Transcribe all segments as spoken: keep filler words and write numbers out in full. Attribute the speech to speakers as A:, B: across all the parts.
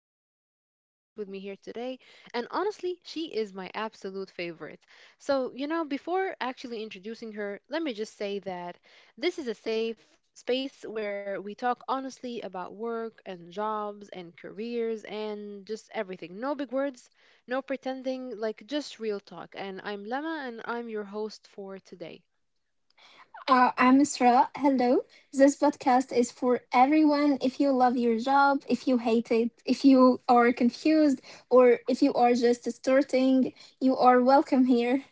A: have a very special guest with me here today. And honestly, she is my absolute favorite. So, you know, before actually introducing her, let me just say that this is a safe space where we talk honestly about work and jobs and careers and just everything. No big words, no pretending, like just real talk. And I'm Lema, and I'm your host for today.
B: Uh, I'm Isra. Hello. This podcast is for everyone. If you love your job, if you hate it, if you are confused, or if you are just starting, you are welcome here.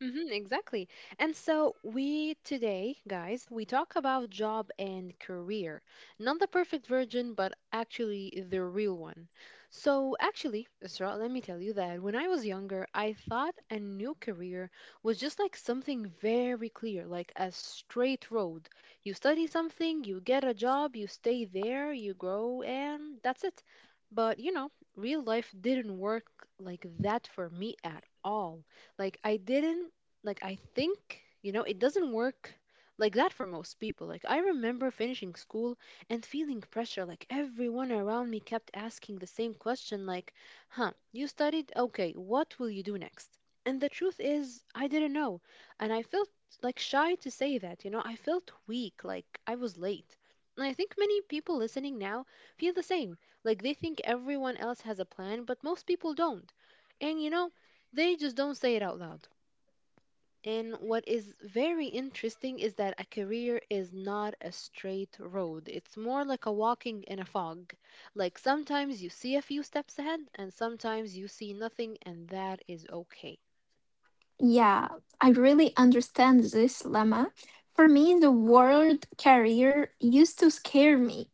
A: Mm-hmm, exactly. And so we today, guys, we talk about job and career. Not the perfect version, but actually the real one. So actually, Isra, let me tell you that when I was younger, I thought a new career was just like something very clear, like a straight road. You study something, you get a job, you stay there, you grow, and that's it. But you know, real life didn't work like that for me at all. Like I didn't, like I think, you know, it doesn't work like that for most people. Like I remember finishing school and feeling pressure like everyone around me kept asking the same question, like, "Huh, you studied? Okay, what will you do next?" And the truth is, I didn't know. And I felt like shy to say that, you know, I felt weak, like I was late. And I think many people listening now feel the same. Like they think everyone else has a plan, but most people don't. And you know, they just don't say it out loud. And what is very interesting is that a career is not a straight road. It's more like a walking in a fog. Like sometimes you see a few steps ahead and sometimes you see nothing, and that is okay.
B: Yeah, I really understand this lemma. For me, the word career used to scare me.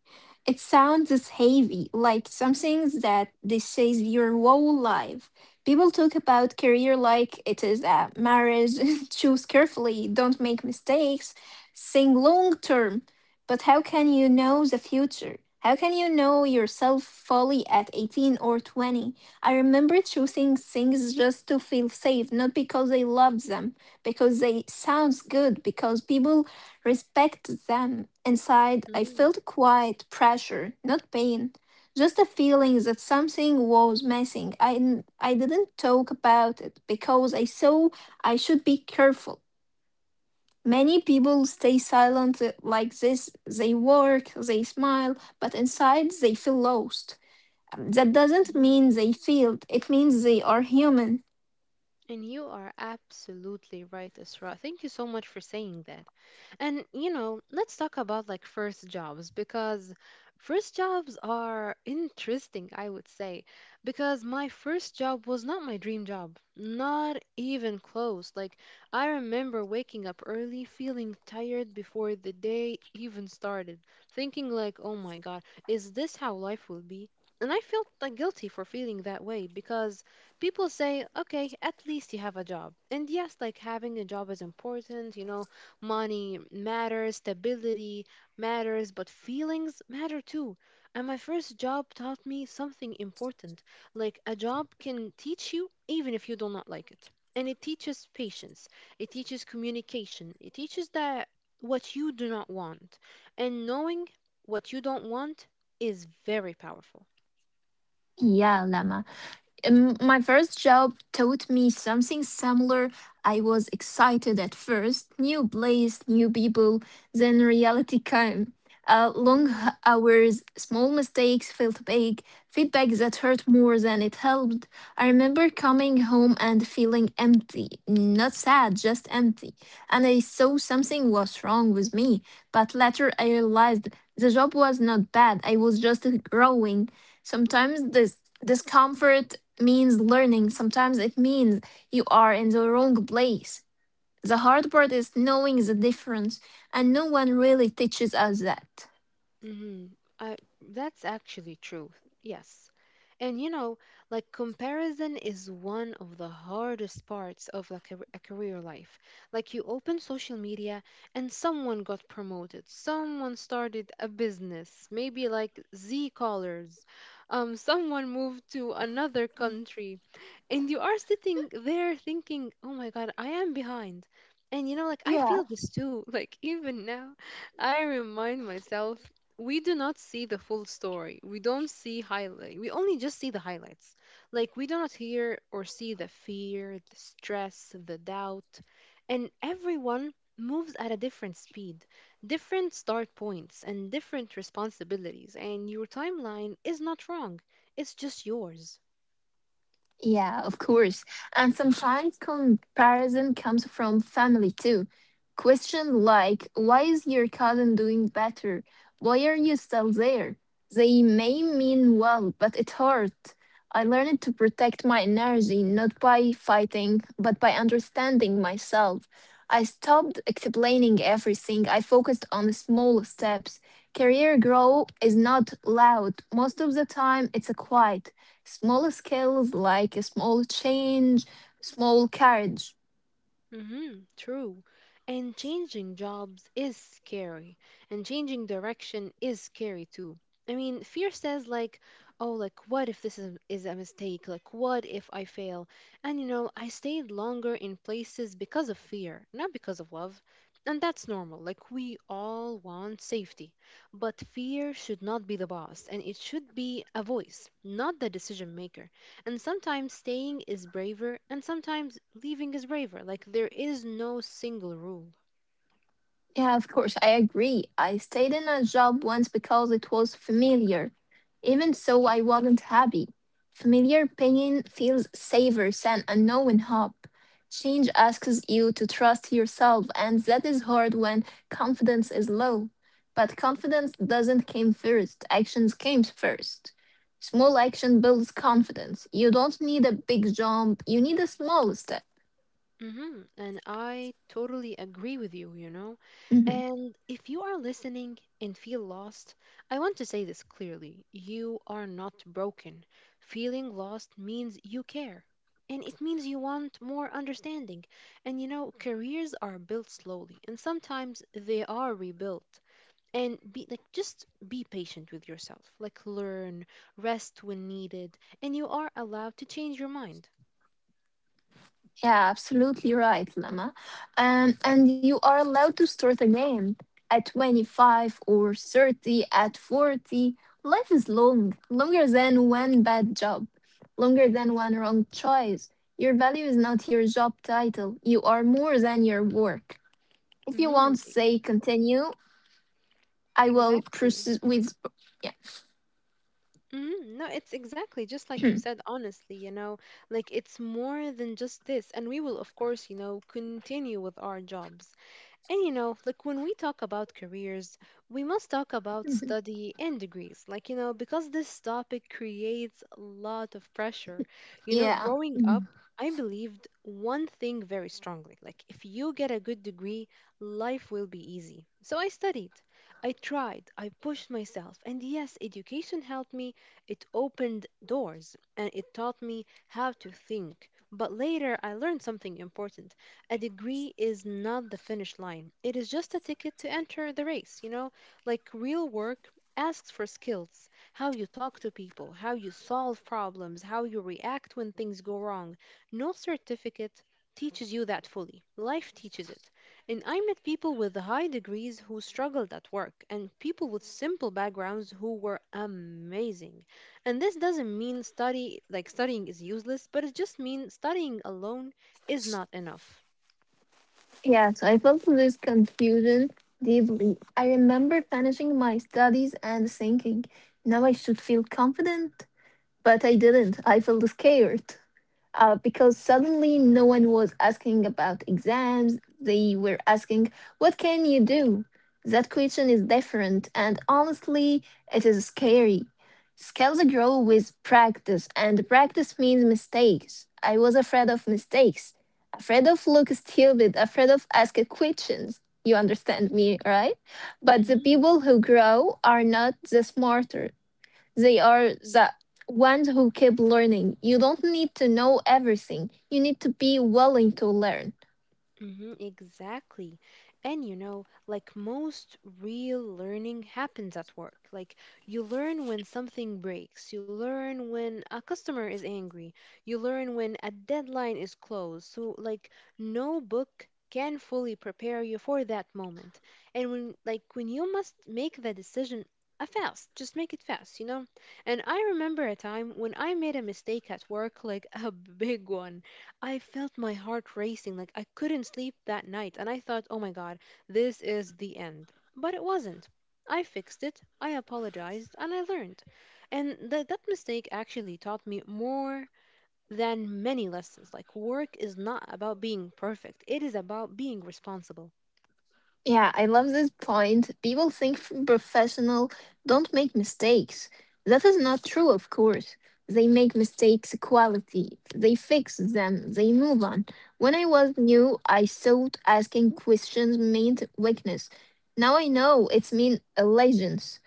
B: It sounds as heavy, like something that this says your whole life. People talk about career like it is a marriage, choose carefully, don't make mistakes, think long term. But how can you know the future? How can you know yourself fully at eighteen or twenty? I remember choosing things just to feel safe, not because I loved them, because they sounds good, because people respect them. Inside, I
A: Hmm.
B: felt quiet pressure, not pain, just a feeling that something was missing. I n- I didn't talk about it because I saw I should be careful. Many people stay silent uh, like this. They work, they smile, but inside they feel lost. That doesn't mean they failed. It means they are human.
A: And you are absolutely right, Isra. Thank you so much for saying that. And you know, let's talk about like first jobs, because first jobs are interesting, I would say, because my first job was not my dream job, not even close. Like I remember waking up early, feeling tired before the day even started, thinking like, "Oh my God, is this how life will be?" And I felt like guilty for feeling that way, because people say, okay, at least you have a job. And yes, like having a job is important, you know, money matters, stability matters, but feelings matter too. And my first job taught me something important. Like a job can teach you even if you do not like it. And it teaches patience, it teaches communication, it teaches that what you do not want. And knowing what you don't want is very powerful.
B: Yeah, Lama. Um, my first job taught me something similar. I was excited at first, new place, new people. Then reality came. Uh, long
A: Mhm.
B: h- hours, small mistakes felt big, feedback that hurt more than it helped. I remember coming home and feeling empty, not sad, just empty. And I saw something was wrong with me. But later I realized the job was not bad, I was just growing. Sometimes this discomfort means learning. Sometimes it means you are in the wrong place. The hard part is knowing the difference, and no one really teaches us that.
A: Mm-hmm. I, that's actually true. Yes. And you know, like comparison is one of the hardest parts of like a, a career life. Like you open social media and someone got promoted, someone started a business, maybe like Z callers, um, someone moved to another country, and you are sitting there thinking, "Oh my God, I am behind." And you know, like I
B: Yeah.
A: feel this too. Like even now, I remind myself we do not see the full story. We don't see highlight. We only just see the highlights. Like we do not hear or see the fear, the stress, the doubt, and everyone moves at a different speed, different start points, and different responsibilities. And your timeline is not wrong. It's just yours.
B: Yeah, of course. And sometimes comparison comes from family too. Question like, why is your cousin doing better? Why are you still there? They may mean well, but it hurt. I learned to protect my energy not by fighting, but by understanding myself. I stopped explaining everything. I focused on the small steps. Career growth is not loud. Most of the time, it's a quiet. Small skills like a small change, small courage.
A: Mm-hmm, true. And changing jobs is scary, and changing direction is scary too. I mean, fear says like, oh, like what if this is, is a mistake? Like what if I fail? And you know, I stayed longer in places because of fear, not because of love. And that's normal. Like we all want safety, but fear should not be the boss, and it should be a voice, not the decision maker. And sometimes staying is braver, and sometimes leaving is braver. Like there is no single rule.
B: Yeah, of course, I agree. I stayed in a job once because it was familiar. Even so, I wasn't happy. Familiar pain feels safer than unknown hope. Change asks you to trust yourself, and that is hard when confidence is low. But confidence doesn't come first, actions came first. Small action builds confidence. You don't need a big jump, you need a small step.
A: Mm hmm And I totally agree with you, you know?
B: Mm-hmm.
A: And if you are listening and feel lost, I want to say this clearly. You are not broken. Feeling lost means you care. And it means you want more understanding. And you know, careers are built slowly, and sometimes they are rebuilt. And be, like, just be patient with yourself, like, learn, rest when needed, and you are allowed to change your mind.
B: Yeah, absolutely right, Lama. Um, and you are allowed to start again at twenty-five or thirty, at forty. Life is long, longer than one bad job, longer than one wrong choice. Your value is not your job title. You are more than your work. If you
A: Mm-hmm,
B: want to say continue, I will
A: exactly.
B: proceed with.
A: Hmm, no, it's exactly just like you
B: Yeah.
A: said, honestly, you know? Like it's more than just this, and we will, of course, you know continue with our jobs. And you know, like when we talk about careers, we must talk about study and degrees. Like, you know, because this topic creates a lot of pressure. You know,
B: Yeah.
A: growing up,
B: Mm-hmm.
A: I believed one thing very strongly. Like, if you get a good degree, life will be easy. So I studied, I tried, I pushed myself. And yes, education helped me. It opened doors and it taught me how to think. But later, I learned something important: a degree is not the finish line. It is just a ticket to enter the race, you know? Like real work asks for skills: how you talk to people, how you solve problems, how you react when things go wrong. No certificate teaches you that fully. Life teaches it. And I met people with high degrees who struggled at work, and people with simple backgrounds who were amazing. And this doesn't mean study, like studying is useless, but it just means studying alone is not enough.
B: Yes, I felt this confusion deeply. I remember finishing my studies and thinking, now I should feel confident. But I didn't. I felt scared uh, because suddenly no one was asking about exams. They were asking, what can you do? That question is different, and honestly, it is scary. Skills grow with practice, and practice means mistakes. I was afraid of mistakes, afraid of look stupid, afraid of ask questions. You understand me, right? But the
A: Mm-hmm.
B: people who grow are not the smarter. They are the ones who keep learning. You don't need to know everything. You need to be willing to learn.
A: Mm-hmm, exactly. And you know, like most real learning happens at work. Like you learn when something breaks, you learn when a customer is angry, you learn when a deadline is closed. So like no book can fully prepare you for that moment. And when, like, when you must make the decision a fast, just make it fast, you know? And I remember a time when I made a mistake at work, like a big one. I felt my heart racing, like I couldn't sleep that night, and I thought, oh my God, this is the end. But it wasn't. I fixed it, I apologized, and I learned. And th- that mistake actually taught me more than many lessons. Like, work is not about being perfect, it is about being responsible.
B: Yeah, I love this point. People think f- professional don't make mistakes. That is not true, of course. They make mistakes quality. They fix them. They move on. When I was new, I thought asking questions meant weakness. Now I know it's mean allegiance.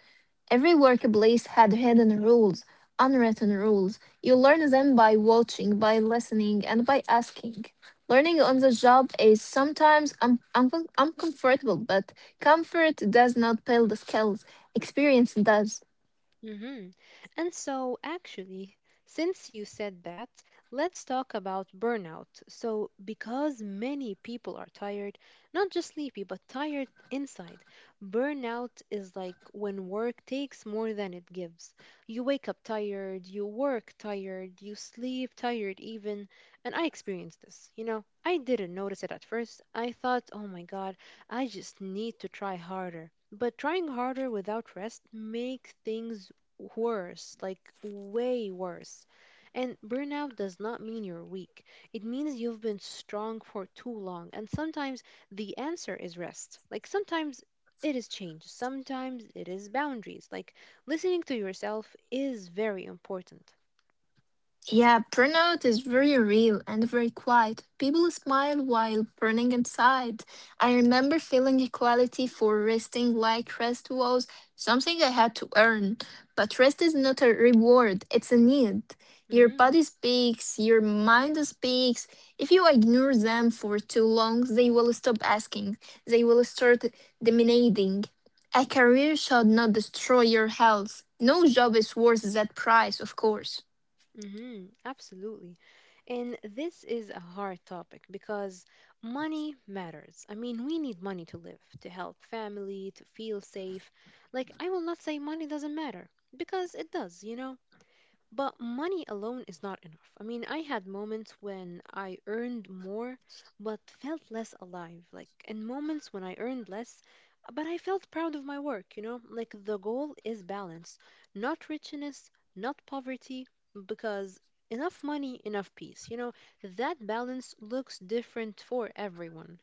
B: Every workplace had hidden rules, unwritten rules. You learn them by watching, by listening, and by asking. Learning on the job is sometimes un- un- uncomfortable, but comfort does not build skills, experience does.
A: Mm-hmm. And so, actually, since you said that, let's talk about burnout. So, because many people are tired, not just sleepy, but tired inside, burnout is like when work takes more than it gives. You wake up tired, you work tired, you sleep tired, even. And I experienced this. You know, I didn't notice it at first. I thought, oh my God, I just need to try harder. But trying harder without rest makes things worse, like way worse. And burnout does not mean you're weak. It means you've been strong for too long. And sometimes the answer is rest. Like sometimes it is change. Sometimes it is boundaries. Like listening to yourself is very important.
B: Yeah, burnout is very real and very quiet. People smile while burning inside. I remember feeling equality for resting like rest was something I had to earn. But rest is not a reward, it's a need. Your
A: Mhm.
B: body speaks, your mind speaks. If you ignore them for too long, they will stop asking. They will start demanding. A career should not destroy your health. No job is worth that price, of course.
A: Mm-hmm, absolutely. And this is a hard topic because money matters. I mean, we need money to live, to help family, to feel safe. Like, I will not say money doesn't matter because it does, you know? But money alone is not enough. I mean, I had moments when I earned more but felt less alive, like, and moments when I earned less but I felt proud of my work, you know? Like, the goal is balance, not richness, not poverty, because enough money, enough peace, you know? That balance looks different for everyone.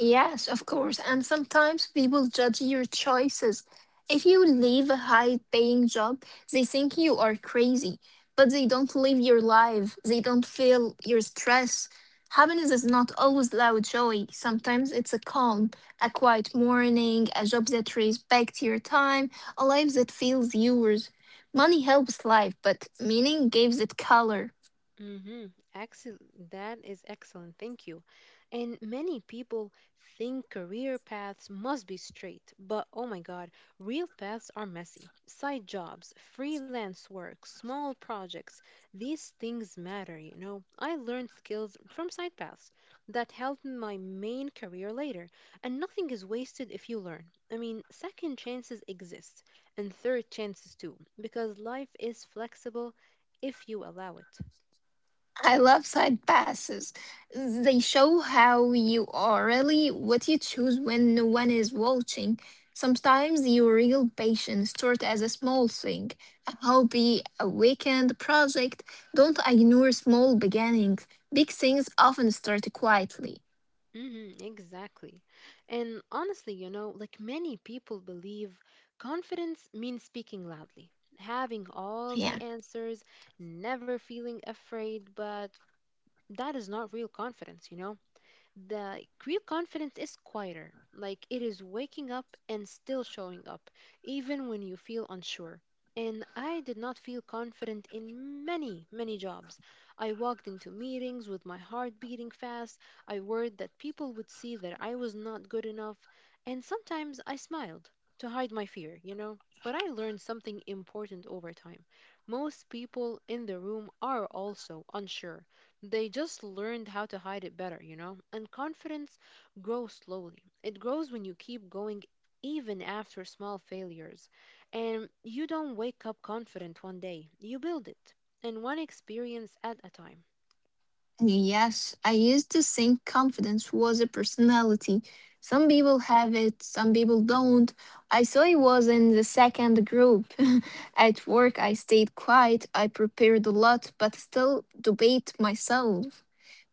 B: Yes, of course. And sometimes people judge your choices. If you leave a high paying job, they think you are crazy, but they don't live your life. They don't feel your stress. Happiness is not always loud joy. Sometimes it's a calm, a quiet morning, a job that respects your time, a life that feels yours. Money helps life, but meaning gives it color.
A: Mm-hmm. Excellent. That is excellent. Thank you. And many people think career paths must be straight, but oh my God, real paths are messy. Side jobs, freelance work, small projects, these things matter, you know. I learned skills from side paths that helped my main career later, and nothing is wasted if you learn. I mean, second chances exist, and third chances too, because life is flexible if you allow it.
B: I love side passes. They show how you are really what you choose when no one is watching. Sometimes your real passion starts as a small thing, a hobby, a weekend project. Don't ignore small beginnings. Big things often start quietly.
A: Mm-hmm, exactly. And honestly, you know, like many people believe confidence means speaking loudly, having all the
B: Yeah.
A: answers, never feeling afraid, but that is not real confidence, you know? The real confidence is quieter. Like it is waking up and still showing up, even when you feel unsure. And I did not feel confident in many, many jobs. I walked into meetings with my heart beating fast. I worried that people would see that I was not good enough. And sometimes I smiled to hide my fear, you know? But I learned something important over time. Most people in the room are also unsure, they just learned how to hide it better, you know? And confidence grows slowly. It grows when you keep going even after small failures. And you don't wake up confident one day, you build it. And one experience at a time.
B: Yes, I used to think confidence was a personality. Some people have it, some people don't. I saw I was in the second group. At work, I stayed quiet, I prepared a lot, but still debate myself.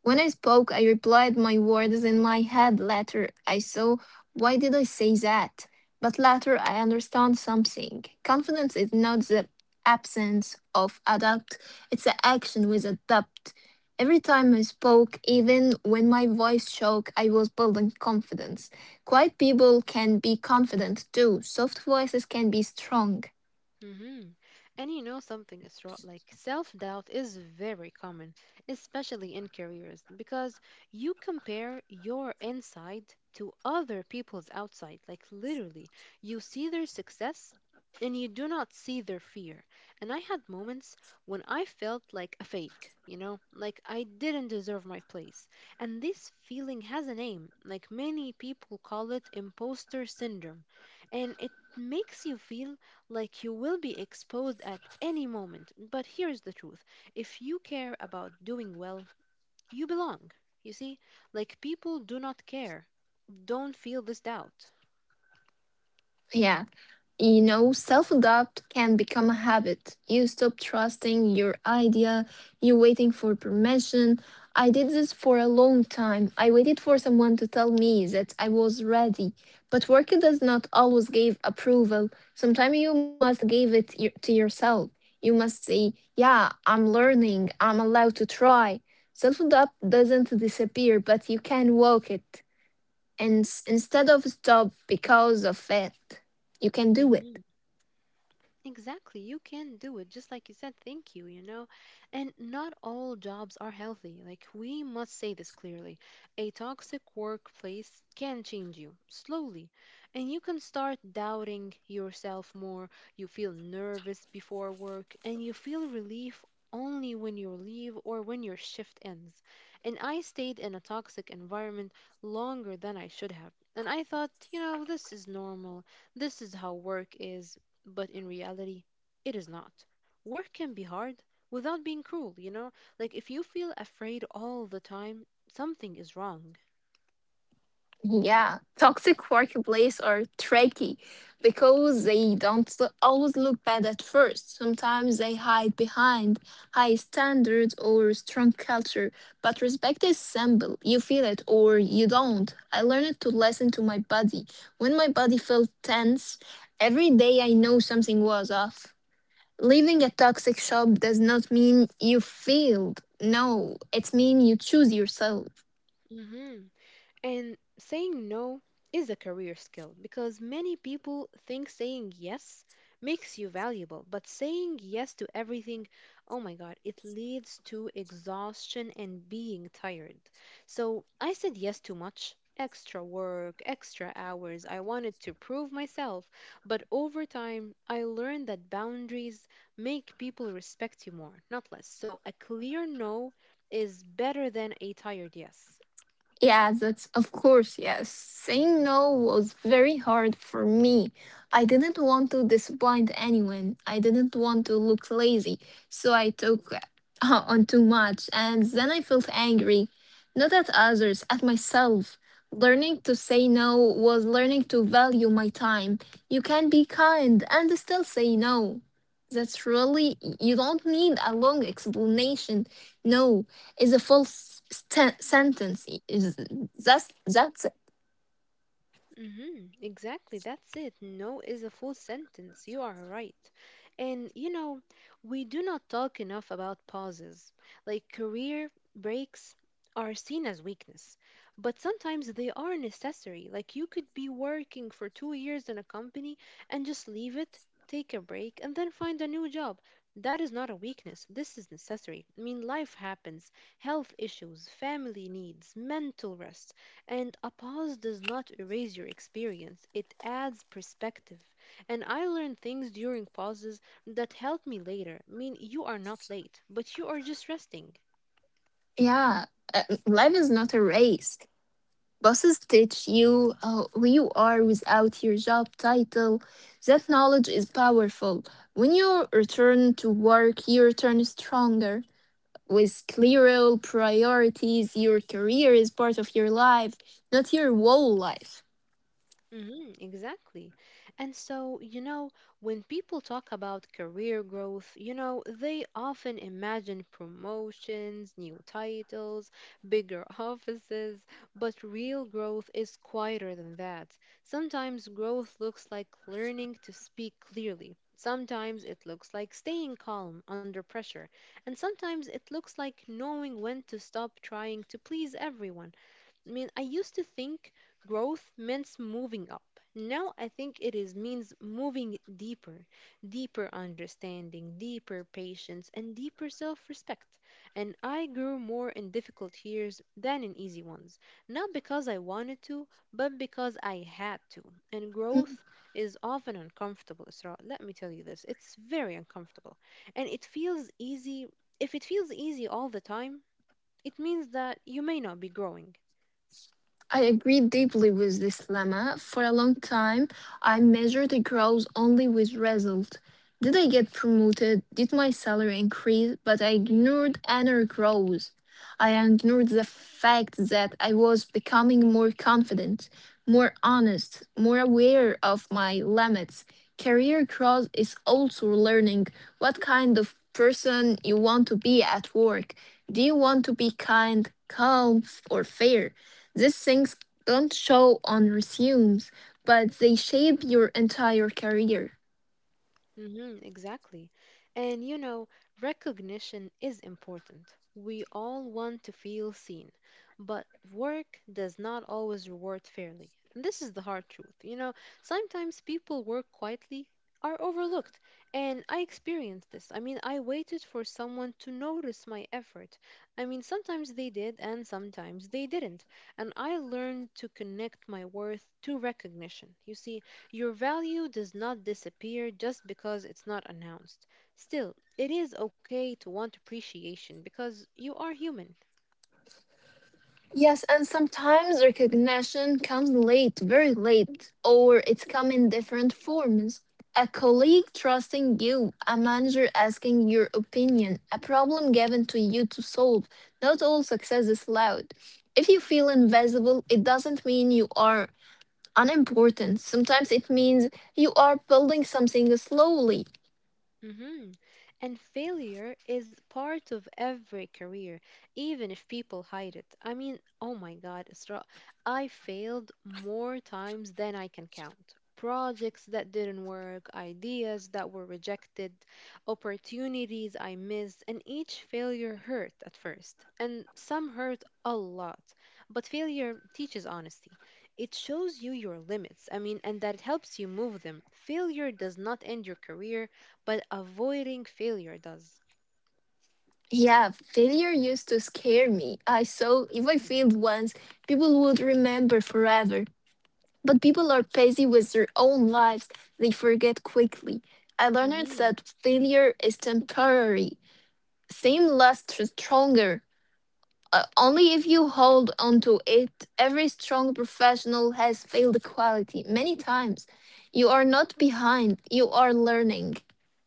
B: When I spoke, I replied my words in my head. Later, I saw why did I say that? But later, I understand something. Confidence is not the absence of adapt, it's the action with adapt. Every time I spoke, even when my voice shook, I was building confidence. Quiet people can be confident too. Soft voices can be strong.
A: hmm And you know something, Isra, like self-doubt is very common, especially in careers, because you compare your inside to other people's outside. Like literally, you see their success and you do not see their fear. And I had moments when I felt like a fake, you know, like I didn't deserve my place. And this feeling has a name, like many people call it imposter syndrome. And it makes you feel like you will be exposed at any moment. But here's the truth: if you care about doing well, you belong. You see, like people do not care. Don't feel this doubt.
B: Yeah. You know, self doubt can become a habit. You stop trusting your idea, you waiting for permission. I did this for a long time. I waited for someone to tell me that I was ready. But work does not always give approval. Sometimes you must give it y- to yourself. You must say, yeah, I'm learning, I'm allowed to try. Self doubt doesn't disappear, but you can walk it. And s- instead of stop because of it, you can do it.
A: Mhm. Exactly. You can do it. Just like you said, thank you, you know? And not all jobs are healthy. Like, we must say this clearly. A toxic workplace can change you slowly, and you can start doubting yourself more. You feel nervous before work, and you feel relief only when you leave or when your shift ends. And I stayed in a toxic environment longer than I should have. And I thought, you know, this is normal. This is how work is, but in reality, it is not. Work can be hard without being cruel, you know? Like, if you feel afraid all the time, something is wrong.
B: Yeah, toxic workplace are tricky because they don't l- always look bad at first. Sometimes they hide behind high standards or strong culture, but respect is simple. You feel it or you don't. I learned to listen to my body. When my body felt tense, every day I know something was off. Leaving a toxic shop does not mean you failed. No, it means you choose yourself.
A: hmm And saying no is a career skill, because many people think saying yes makes you valuable, but saying yes to everything, oh my God, it leads to exhaustion and being tired. So I said yes too much. Extra work, extra hours. I wanted to prove myself. But over time, I learned that boundaries make people respect you more, not less. So a clear no is better than a tired yes.
B: Yeah, that's of course, yes. Saying no was very hard for me. I didn't want to disappoint anyone. I didn't want to look lazy. So I took uh, on too much and then I felt angry. Not at others, at myself. Learning to say no was learning to value my time. You can be kind and still say no. That's really, you don't need a long explanation. No, is a full s- sten- sentence. Is that's that's
A: Hmm exactly, that's it. No is a full sentence. You are right. And you know, we do not talk enough about pauses. Like, career breaks are seen as weakness, but sometimes they are necessary. Like, you could be working for two years in a company and just leave it, take a break, and then find a new job. That is not a weakness. This is necessary. I mean, life happens, health issues, family needs, mental rest. And a pause does not erase your experience, it adds perspective. And I learn things during pauses that help me later. I mean, you are not late, but you are just resting.
B: yeah. Uh, life is not a race. Bosses teach you uh, who you are without your job title. That knowledge is powerful. When you return to work, you return stronger with clearer priorities. Your career is part of your life, not your whole life.
A: Hmm exactly. And so, you know, when people talk about career growth, you know, they often imagine promotions, new titles, bigger offices, but real growth is quieter than that. Sometimes growth looks like learning to speak clearly. Sometimes it looks like staying calm under pressure. And sometimes it looks like knowing when to stop trying to please everyone. I mean, I used to think growth meant moving up. Now I think it is means moving deeper, deeper understanding, deeper patience, and deeper self-respect. And I grew more in difficult years than in easy ones, not because I wanted to, but because I had to. And growth is often uncomfortable, Isra. Let me tell you this, it's very uncomfortable. And it feels easy. If it feels easy all the time, it means that you may not be growing.
B: I agree deeply with this lemma. For a long time, I measured the growth only with result. Did I get promoted? Did my salary increase? But I ignored inner growth. I ignored the fact that I was becoming more confident, more honest, more aware of my limits. Career growth is also learning what kind of person you want to be at work. Do you want to be kind, calm, or fair? These things don't show on resumes, but they shape your entire career.
A: Mm-hmm, exactly. And you know, recognition is important. We all want to feel seen, but work does not always reward fairly. And this is the hard truth. You know, sometimes people work quietly, are overlooked, and I experienced this. I mean, I waited for someone to notice my effort. I mean, sometimes they did, and sometimes they didn't. And I learned to connect my worth to recognition. You see, your value does not disappear just because it's not announced. Still, it is okay to want appreciation because you are human.
B: Yes, and sometimes recognition comes late, very late, or it's come in different forms. A colleague trusting you, a manager asking your opinion, a problem given to you to solve. Not all success is loud. If you feel invisible, it doesn't mean you are unimportant. Sometimes it means you are building something slowly.
A: hmm And failure is part of every career, even if people hide it. I mean, oh my God, Isra, I failed more times than I can count. Projects that didn't work, ideas that were rejected, opportunities I missed, and each failure hurt at first. And some hurt a lot. But failure teaches honesty. It shows you your limits, I mean, and that it helps you move them. Failure does not end your career, but avoiding failure does.
B: Yeah, failure used to scare me. I saw if I failed once, people would remember forever. But people are busy with their own lives, they forget quickly. I learned
A: Mhm.
B: that failure is temporary. Same lasts stronger. Uh, only if you hold on to it, every strong professional has failed quality many times. You are not behind, you are learning.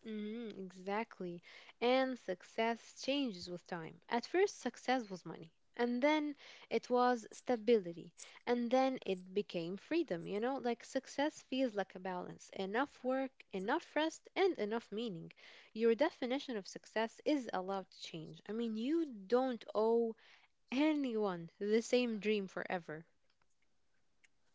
A: Mhm, exactly. And success changes with time. At first, success was money, and then it was stability, and then it became freedom. You know, like success feels like a balance: enough work, enough rest, and enough meaning. Your definition of success is allowed to change. I mean, you don't owe anyone the same dream forever.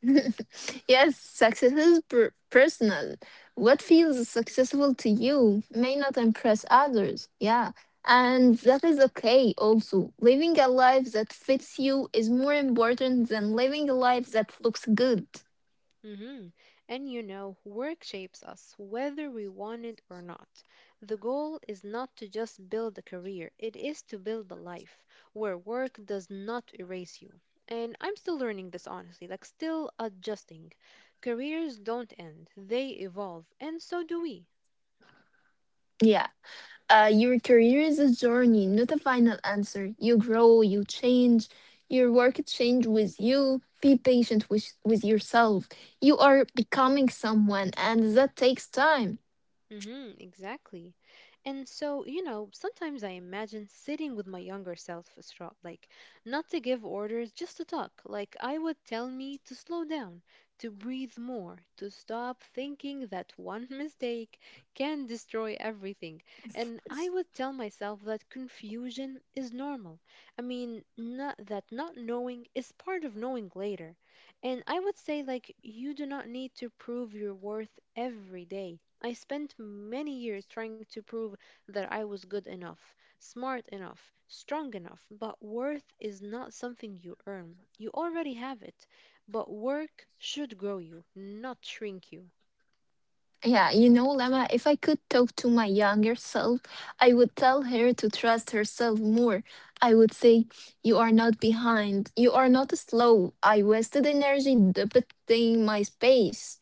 B: Yes, success is per- personal. What feels successful to you may not impress others. Yeah. And that is okay also. Living a life that fits you is more important than living a life that looks good.
A: hmm And you know, work shapes us whether we want it or not. The goal is not to just build a career, it is to build a life where work does not erase you. And I'm still learning this honestly, like still adjusting. Careers don't end, they evolve, and so do we.
B: Yeah. Uh, your career is a journey, not a final answer. You grow, you change, your work change with you. Be patient with, with yourself. You are becoming someone, and that takes time.
A: Mm-hmm, exactly. And so, you know, sometimes I imagine sitting with my younger self, Isra, like not to give orders, just to talk. Like I would tell me to slow down, to breathe more, to stop thinking that one mistake can destroy everything. And I would tell myself that confusion is normal. I mean, not that not knowing is part of knowing later. And I would say, like, you do not need to prove your worth every day. I spent many years trying to prove that I was good enough, smart enough, strong enough, but worth is not something you earn. You already have it, but work should grow you, not shrink you.
B: Yeah, you know, Lama, if I could talk to my younger self, I would tell her to trust herself more. I would say, you are not behind. You are not slow. I wasted energy debating my space.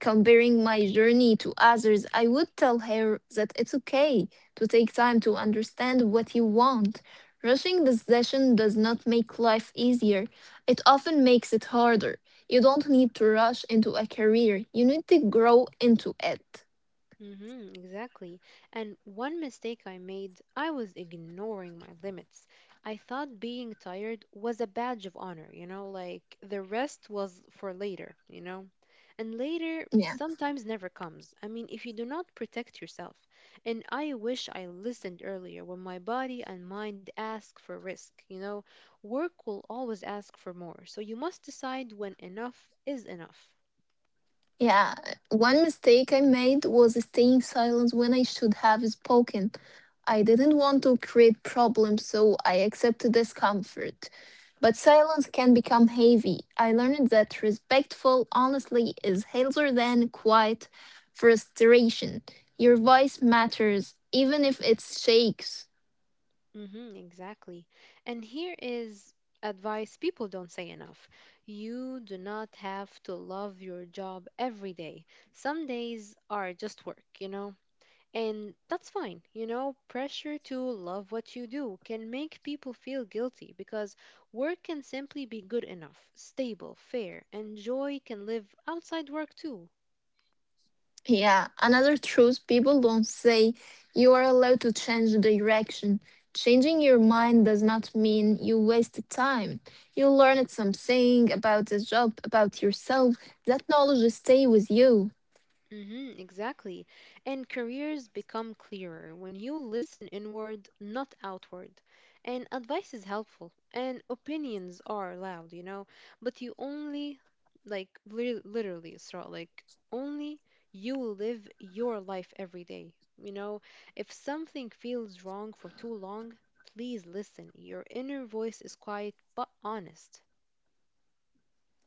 B: Comparing my journey to others, I would tell her that it's okay to take time to understand what you want. Rushing decision does not make life easier. It often makes it harder. You don't need to rush into a career. You need to grow into it.
A: Mm-hmm, exactly. And one mistake I made, I was ignoring my limits. I thought being tired was a badge of honor, you know, like the rest was for later, you know? And later
B: Yeah.
A: sometimes never comes. I mean, if you do not protect yourself. And I wish I listened earlier when my body and mind ask for risk, you know? Work will always ask for more. So you must decide when enough is enough.
B: Yeah, one mistake I made was staying silent when I should have spoken. I didn't want to create problems, so I accepted discomfort. But silence can become heavy. I learned that respectful honestly is healthier than quiet frustration. Your voice matters, even if it shakes.
A: Mm-hmm, exactly. And here is advice people don't say enough. You do not have to love your job every day. Some days are just work, you know? And that's fine. You know, pressure to love what you do can make people feel guilty, because work can simply be good enough, stable, fair, and joy can live outside work too.
B: Yeah, another truth people don't say: you are allowed to change the direction. Changing your mind does not mean you wasted time. You learned something about the job, about yourself. That knowledge stay with you.
A: Mm-hmm, exactly. And careers become clearer when you listen inward, not outward. And advice is helpful, and opinions are loud, you know, but you only, like, li- literally, Isra, like, only you live your life every day. You know, if something feels wrong for too long, please listen. Your inner voice is quiet but honest.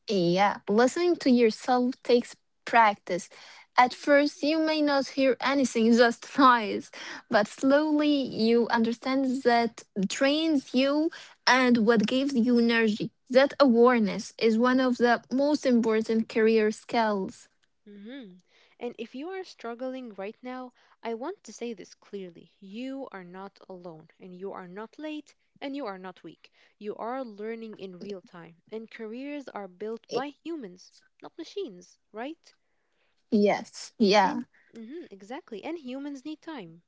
B: Yeah, listening to yourself takes practice. At first, you may not hear anything, just noise, but slowly you understand that trains you and what gives you energy. That awareness is one of the most important career skills.
A: hmm And if you are struggling right now, I want to say this clearly. You are not alone, and you are not late, and you are not weak. You are learning in real time, and careers are built
B: Y-
A: by humans, not machines, right?
B: Yes, yeah.
A: And mhm, exactly. And humans need time.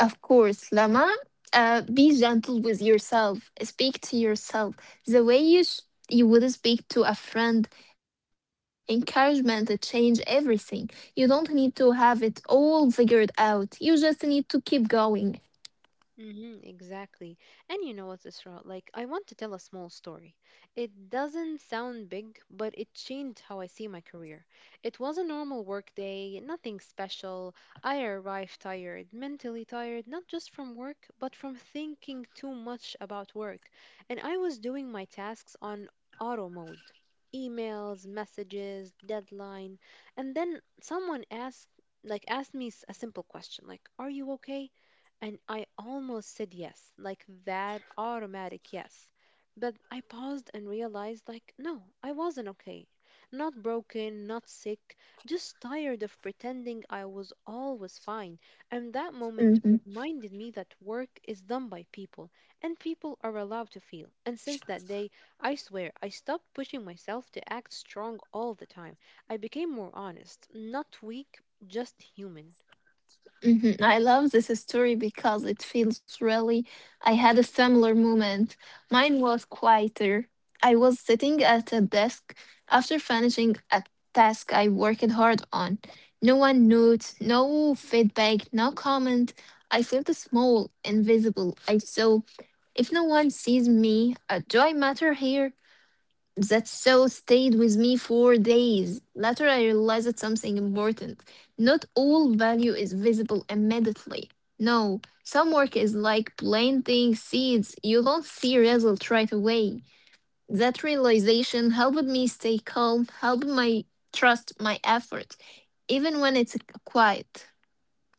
B: Of course, Lama. Uh, be gentle with yourself. Speak to yourself the way you sh- you would speak to a friend. Encouragement to change everything. You don't need to have it all figured out. You just need to keep going.
A: hmm Exactly. And you know what, Isra? Like, I want to tell a small story. It doesn't sound big, but it changed how I see my career. It was a normal work day, nothing special. I arrived tired, mentally tired, not just from work, but from thinking too much about work. And I was doing my tasks on auto mode. Emails, messages, deadline. And then someone asked, like, asked me s- a simple question like, "Are you okay?" And I almost said yes, like that automatic yes. But I paused and realized, like, no, I wasn't okay. Not broken, not sick, just tired of pretending I was always fine. And that moment reminded me that work is done by people, and people are allowed to feel. And since that day, I swear, I stopped pushing myself to act strong all the time. I became more honest, not weak, just human.
B: hmm I love this story because it feels really. I had a similar moment. Mine was quieter. I was sitting at a desk after finishing a task I worked hard on. No one notes, no feedback, no comment. I felt small, invisible. I saw if no one sees me, uh, do I matter here? That so stayed with me for days. Later, I realized that something important. Not all value is visible immediately. No, some work is like planting seeds. You don't see results right away. That realization helped me stay calm, helped my trust my effort, even when it's quiet.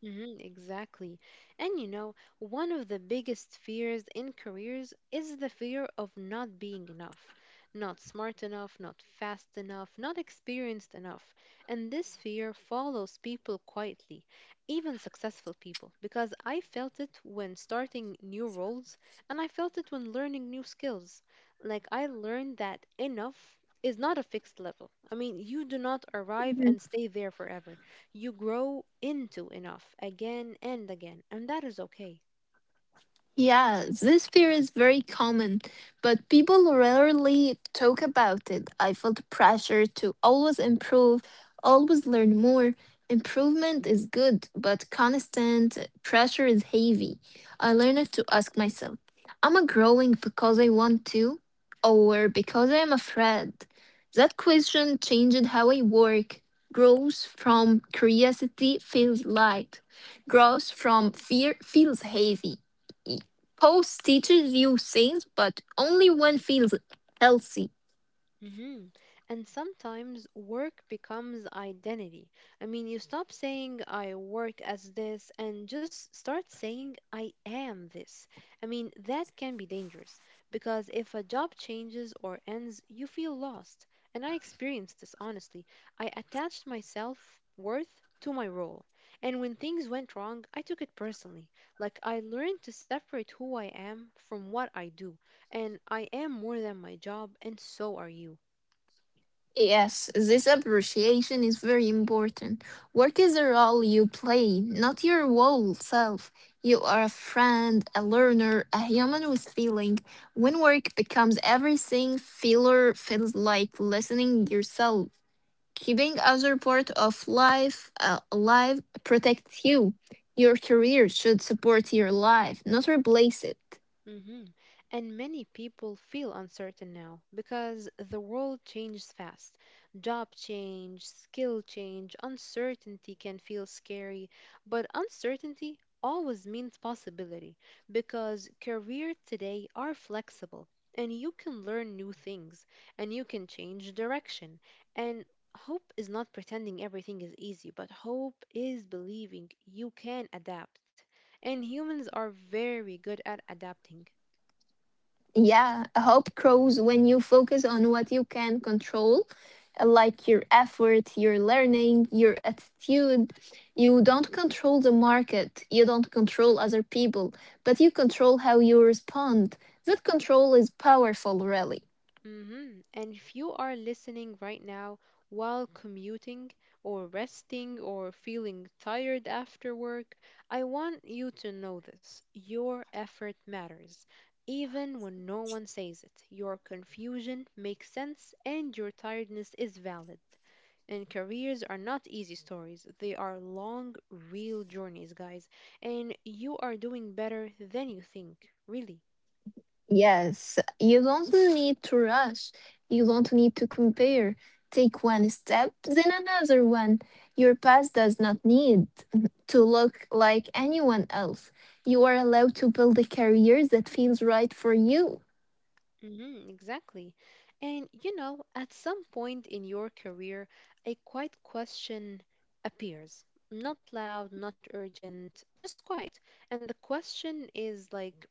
A: Mhm, exactly. And you know, one of the biggest fears in careers is the fear of not being enough, not smart enough, not fast enough, not experienced enough. And this fear follows people quietly, even successful people, because I felt it when starting new roles and I felt it when learning new skills. Like, I learned that enough is not a fixed level. I mean, you do not arrive and stay there forever. You grow into enough again and again, and that is okay.
B: Yeah, this fear is very common, but people rarely talk about it. I felt pressure to always improve, always learn more. Improvement is good, but constant pressure is heavy. I learned to ask myself, am I growing because I want to, or because I am afraid? That question changed how I work. Growth from curiosity feels light. Growth from fear feels heavy. Post teaches you things, but only when feels healthy.
A: Mhm. And sometimes work becomes identity. I mean, you stop saying, I work as this, and just start saying, I am this. I mean, that can be dangerous because if a job changes or ends, you feel lost. And I experienced this honestly. I attached my self worth to my role. And when things went wrong, I took it personally. Like, I learned to separate who I am from what I do. And I am more than my job, and so are you.
B: Yes, this appreciation is very important. Work is a role you play, not your whole self. You are a friend, a learner, a human with feeling. When work becomes everything, feeler feels like listening yourself. Keeping other part of life uh, alive protects you. Your career should support your life, not replace it.
A: hmm And many people feel uncertain now because the world changes fast. Job change, skill change, uncertainty can feel scary, but uncertainty always means possibility, because career today are flexible and you can learn new things and you can change direction. And hope is not pretending everything is easy, but hope is believing you can adapt. And humans are very good at adapting.
B: Yeah, hope grows when you focus on what you can control, uh, like your effort, your learning, your attitude. You don't control the market, you don't control other people, but you control how you respond. That control is powerful, really.
A: hmm And if you are listening right now while commuting or resting or feeling tired after work, I want you to know this. Your effort matters. Even when no one says it, your confusion makes sense and your tiredness is valid. And careers are not easy stories, they are long, real journeys, guys. And you are doing better than you think, really.
B: Yes, you don't need to rush. You don't need to compare. Take one step, then another one. Your past does not need to look like anyone else. You are allowed to build a career that feels right for you.
A: Hmm exactly. And you know, at some point in your career, a quiet question appears. Not loud, not urgent, just quiet. And the question is like,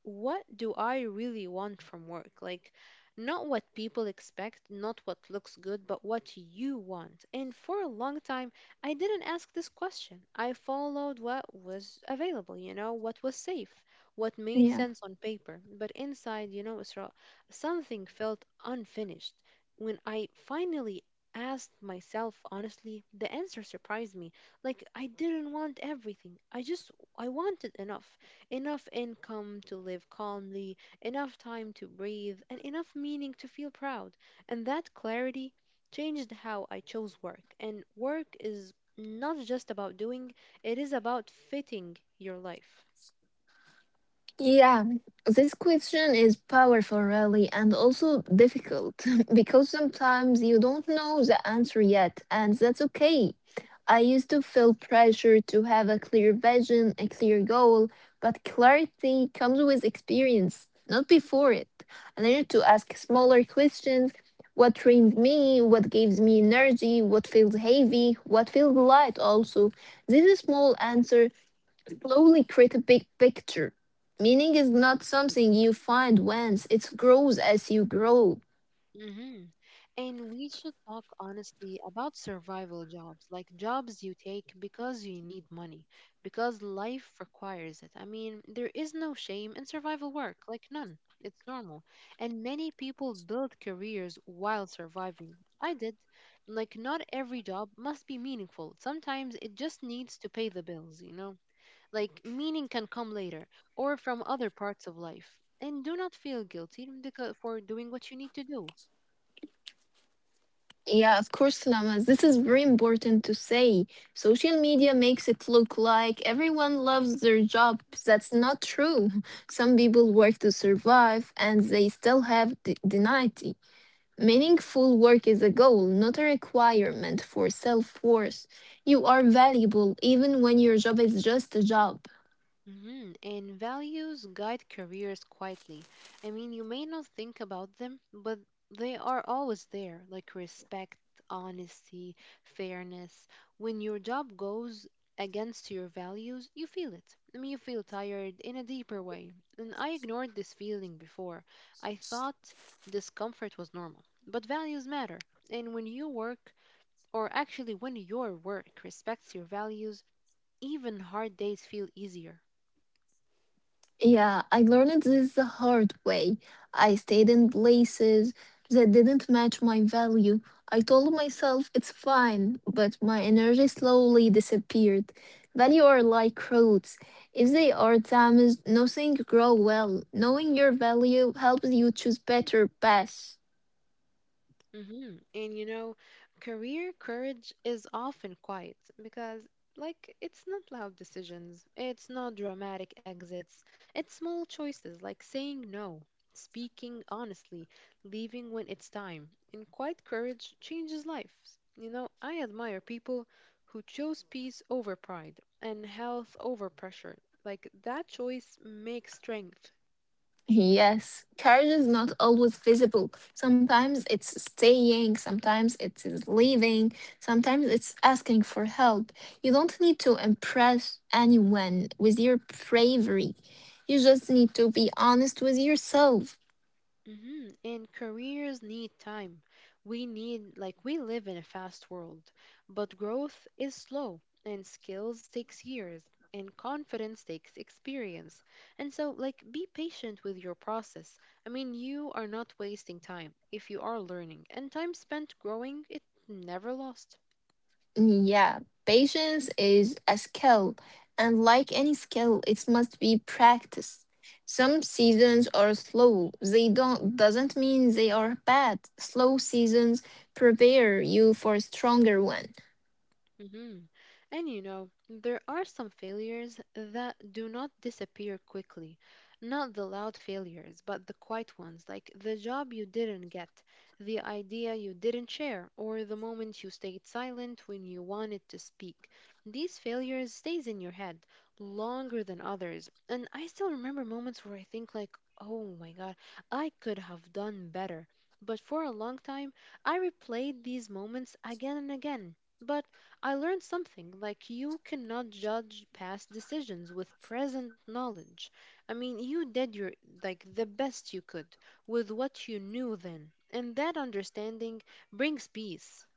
A: what do I really want from work? Like, not what people expect, not what looks good, but what you want. And for a long time, I didn't ask this question. I followed what was available, you know, what was safe, what made
B: Yeah.
A: sense on paper. But inside, you know, Isra, something felt unfinished. When I finally asked myself honestly, the answer surprised me. Like, I didn't want everything, I just, I wanted enough enough income to live calmly, enough time to breathe, and enough meaning to feel proud. And that clarity changed how I chose work. And work is not just about doing, it is about fitting your life.
B: Yeah, this question is powerful, really, and also difficult because sometimes you don't know the answer yet, and that's okay. I used to feel pressure to have a clear vision, a clear goal, but clarity comes with experience, not before it. I learned to ask smaller questions: what trained me, what gives me energy, what feels heavy, what feels light, also. This is small answer slowly create a big picture. Meaning is not something you find once, it grows as you grow.
A: Mhm. And we should talk honestly about survival jobs, like jobs you take because you need money, because life requires it. I mean, there is no shame in survival work, like none. It's normal. And many people build careers while surviving. I did. Like, not every job must be meaningful. Sometimes it just needs to pay the bills, you know? Like, meaning can come later or from other parts of life. And do not feel guilty because, for doing what you need to do.
B: Yeah, of course, Lama. This is very important to say. Social media makes it look like everyone loves their job. That's not true. Some people work to survive and they still have d- deniety. Meaningful work is a goal, not a requirement for self worth. You are valuable even when your job is just a job.
A: Mhm, and values guide careers quietly. I mean, you may not think about them, but they are always there, like respect, honesty, fairness. When your job goes against your values, you feel it. I mean, you feel tired in a deeper way. And I ignored this feeling before. I thought discomfort was normal, but values matter. And when you work, or actually when your work respects your values, even hard days feel easier.
B: Yeah, I learned this the hard way. I stayed in places that didn't match my value. I told myself it's fine, but my energy slowly disappeared. Value are like roots. If they are damaged, nothing grow well. Knowing your value helps you choose better paths.
A: hmm And you know, career courage is often quiet because, like, it's not loud decisions, it's not dramatic exits, it's small choices like saying no, speaking honestly, leaving when it's time. And quiet courage changes lives. You know, I admire people who chose peace over pride and health over pressure. Like, that choice makes strength.
B: Yes, courage is not always visible. Sometimes it's staying, sometimes it is leaving, sometimes it's asking for help. You don't need to impress anyone with your bravery. You just need to be honest with yourself.
A: Mm-hmm. And careers need time. We need, like, we live in a fast world, but growth is slow, and skills takes years, and confidence takes experience. And so, like, be patient with your process. I mean, you are not wasting time if you are learning, and time spent growing, it never lost.
B: Yeah, patience is a skill, and like any skill, it must be practiced. Some seasons are slow. They don't doesn't mean they are bad. Slow seasons prepare you for stronger ones.
A: hmm And you know, there are some failures that do not disappear quickly. Not the loud failures, but the quiet ones, like the job you didn't get, the idea you didn't share, or the moment you stayed silent when you wanted to speak. These failures stays in your head longer than others. And I still remember moments where I think like, "Oh my god, I could have done better." But for a long time, I replayed these moments again and again. But I learned something like you cannot judge past decisions with present knowledge. I mean, you did your like the best you could with what you knew then, and that understanding brings peace.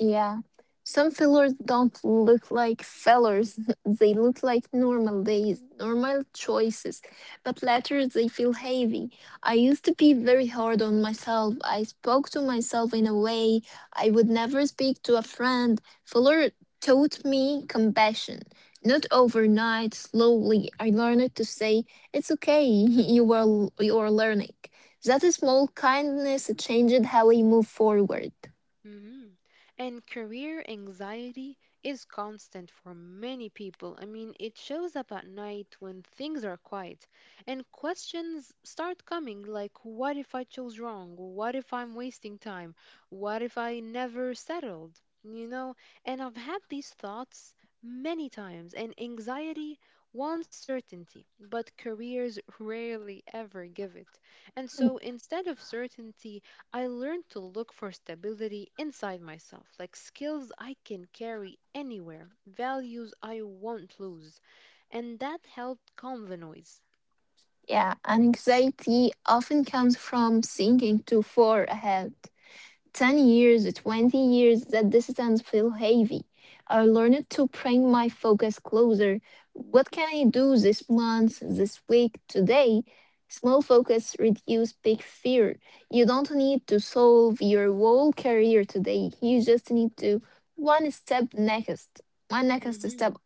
B: Yeah. Some fillers don't look like fillers. They look like normal days, normal choices. But later they feel heavy. I used to be very hard on myself. I spoke to myself in a way I would never speak to a friend. Filler taught me compassion. Not overnight, slowly, I learned to say, it's okay, you are, you are learning. That small kindness changed how I move forward.
A: Mhm. And career anxiety is constant for many people. I mean, it shows up at night when things are quiet and questions start coming like, what if I chose wrong? What if I'm wasting time? What if I never settled? You know, and I've had these thoughts many times, and anxiety wants certainty, but careers rarely ever give it. And so instead of certainty, I learned to look for stability inside myself, like skills I can carry anywhere, values I won't lose. And that helped calm the noise.
B: Yeah, anxiety often comes from thinking too far ahead. ten years, twenty years, that distance feel heavy. I learned to bring my focus closer. What can I do this month, this week, today? Small focus reduce big fear. You don't need to solve your whole career today. You just need to one step next, one next step.
A: Mhm.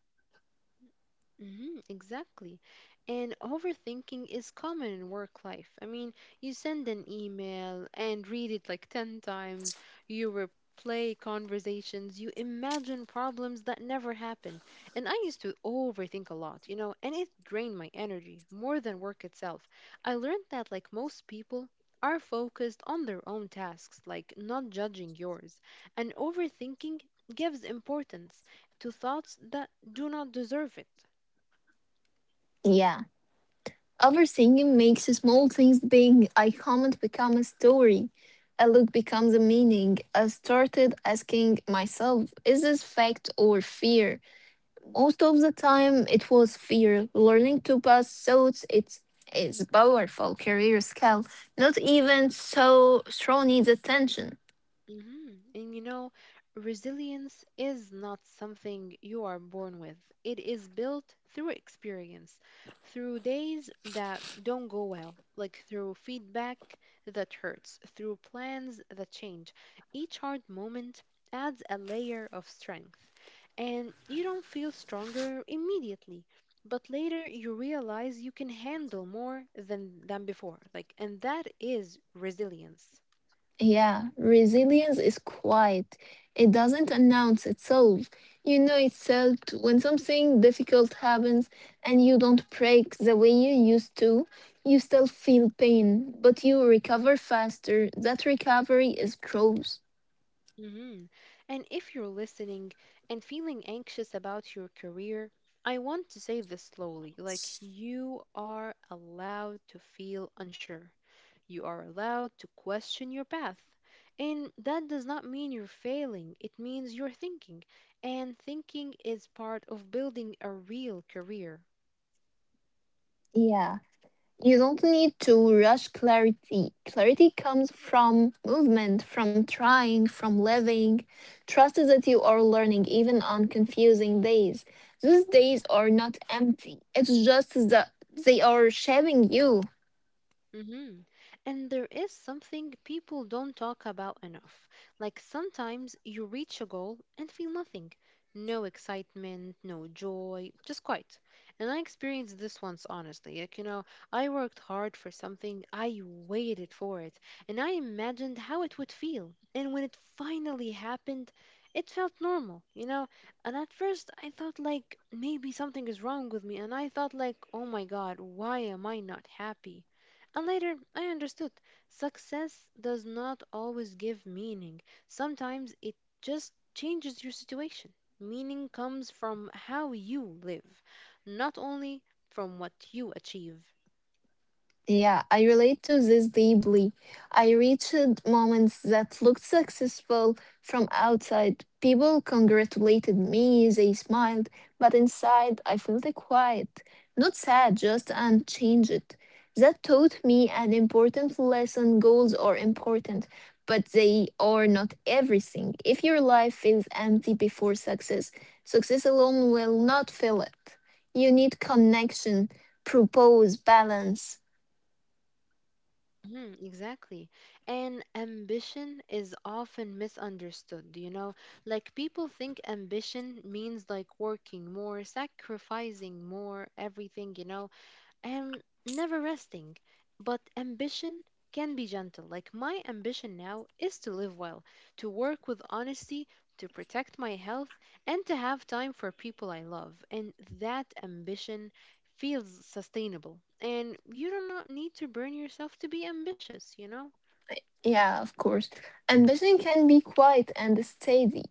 A: hmm Exactly. And overthinking is common in work life. I mean, you send an email and read it like ten times, you replay conversations, you imagine problems that never happen. And I used to overthink a lot, you know, and it drained my energy more than work itself. I learned that, like most people, are focused on their own tasks, like not judging yours. And overthinking gives importance to thoughts that do not deserve it.
B: Yeah. Overthinking makes small things big. A comment become a story. A look becomes a meaning. I started asking myself, is this fact or fear? Most of the time, it was fear. Learning to pass thoughts, it's is a powerful career skill. Not even so strong needs attention.
A: hmm And you know, resilience is not something you are born with. It is built through experience, through days that don't go well, like through feedback that hurts, through plans that change. Each hard moment adds a layer of strength. And you don't feel stronger immediately, but later you realize you can handle more than, than before. Like, and that is resilience.
B: Yeah, resilience is quiet. It doesn't announce itself. You know itself when something difficult happens and you don't break the way you used to. You still feel pain, but you recover faster. That recovery is growth.
A: Mhm. And if you're listening and feeling anxious about your career, I want to say this slowly like, you are allowed to feel unsure. You are allowed to question your path. And that does not mean you're failing, it means you're thinking. And thinking is part of building a real career.
B: Yeah. You don't need to rush clarity. Clarity comes from movement, from trying, from living. Trust is that you are learning even on confusing days. These days are not empty. It's just that they are shaping you.
A: Mm-hmm. And there is something people don't talk about enough. Like sometimes you reach a goal and feel nothing. No excitement, no joy, just quiet. And I experienced this once, honestly. Like, you know, I worked hard for something, I waited for it, and I imagined how it would feel. And when it finally happened, it felt normal, you know? And at first I thought, like, maybe something is wrong with me. And I thought, like, oh my god, why am I not happy? And later, I understood success does not always give meaning. Sometimes it just changes your situation. Meaning comes from how you live, not only from what you achieve.
B: Yeah, I relate to this deeply. I reached moments that looked successful from outside. People congratulated me, they smiled, but inside I felt quiet. Not sad, just unchanged. That taught me an important lesson: goals are important, but they are not everything. If your life feels empty before success, success alone will not fill it. You need connection, propose, balance.
A: Mhm, exactly. And ambition is often misunderstood, you know? Like people think ambition means like working more, sacrificing more, everything, you know? I am never resting. But ambition can be gentle. Like my ambition now is to live well, to work with honesty, to protect my health, and to have time for people I love. And that ambition feels sustainable. And you do not need to burn yourself to be ambitious, you know?
B: Yeah, of course. Ambition can be quiet and steady.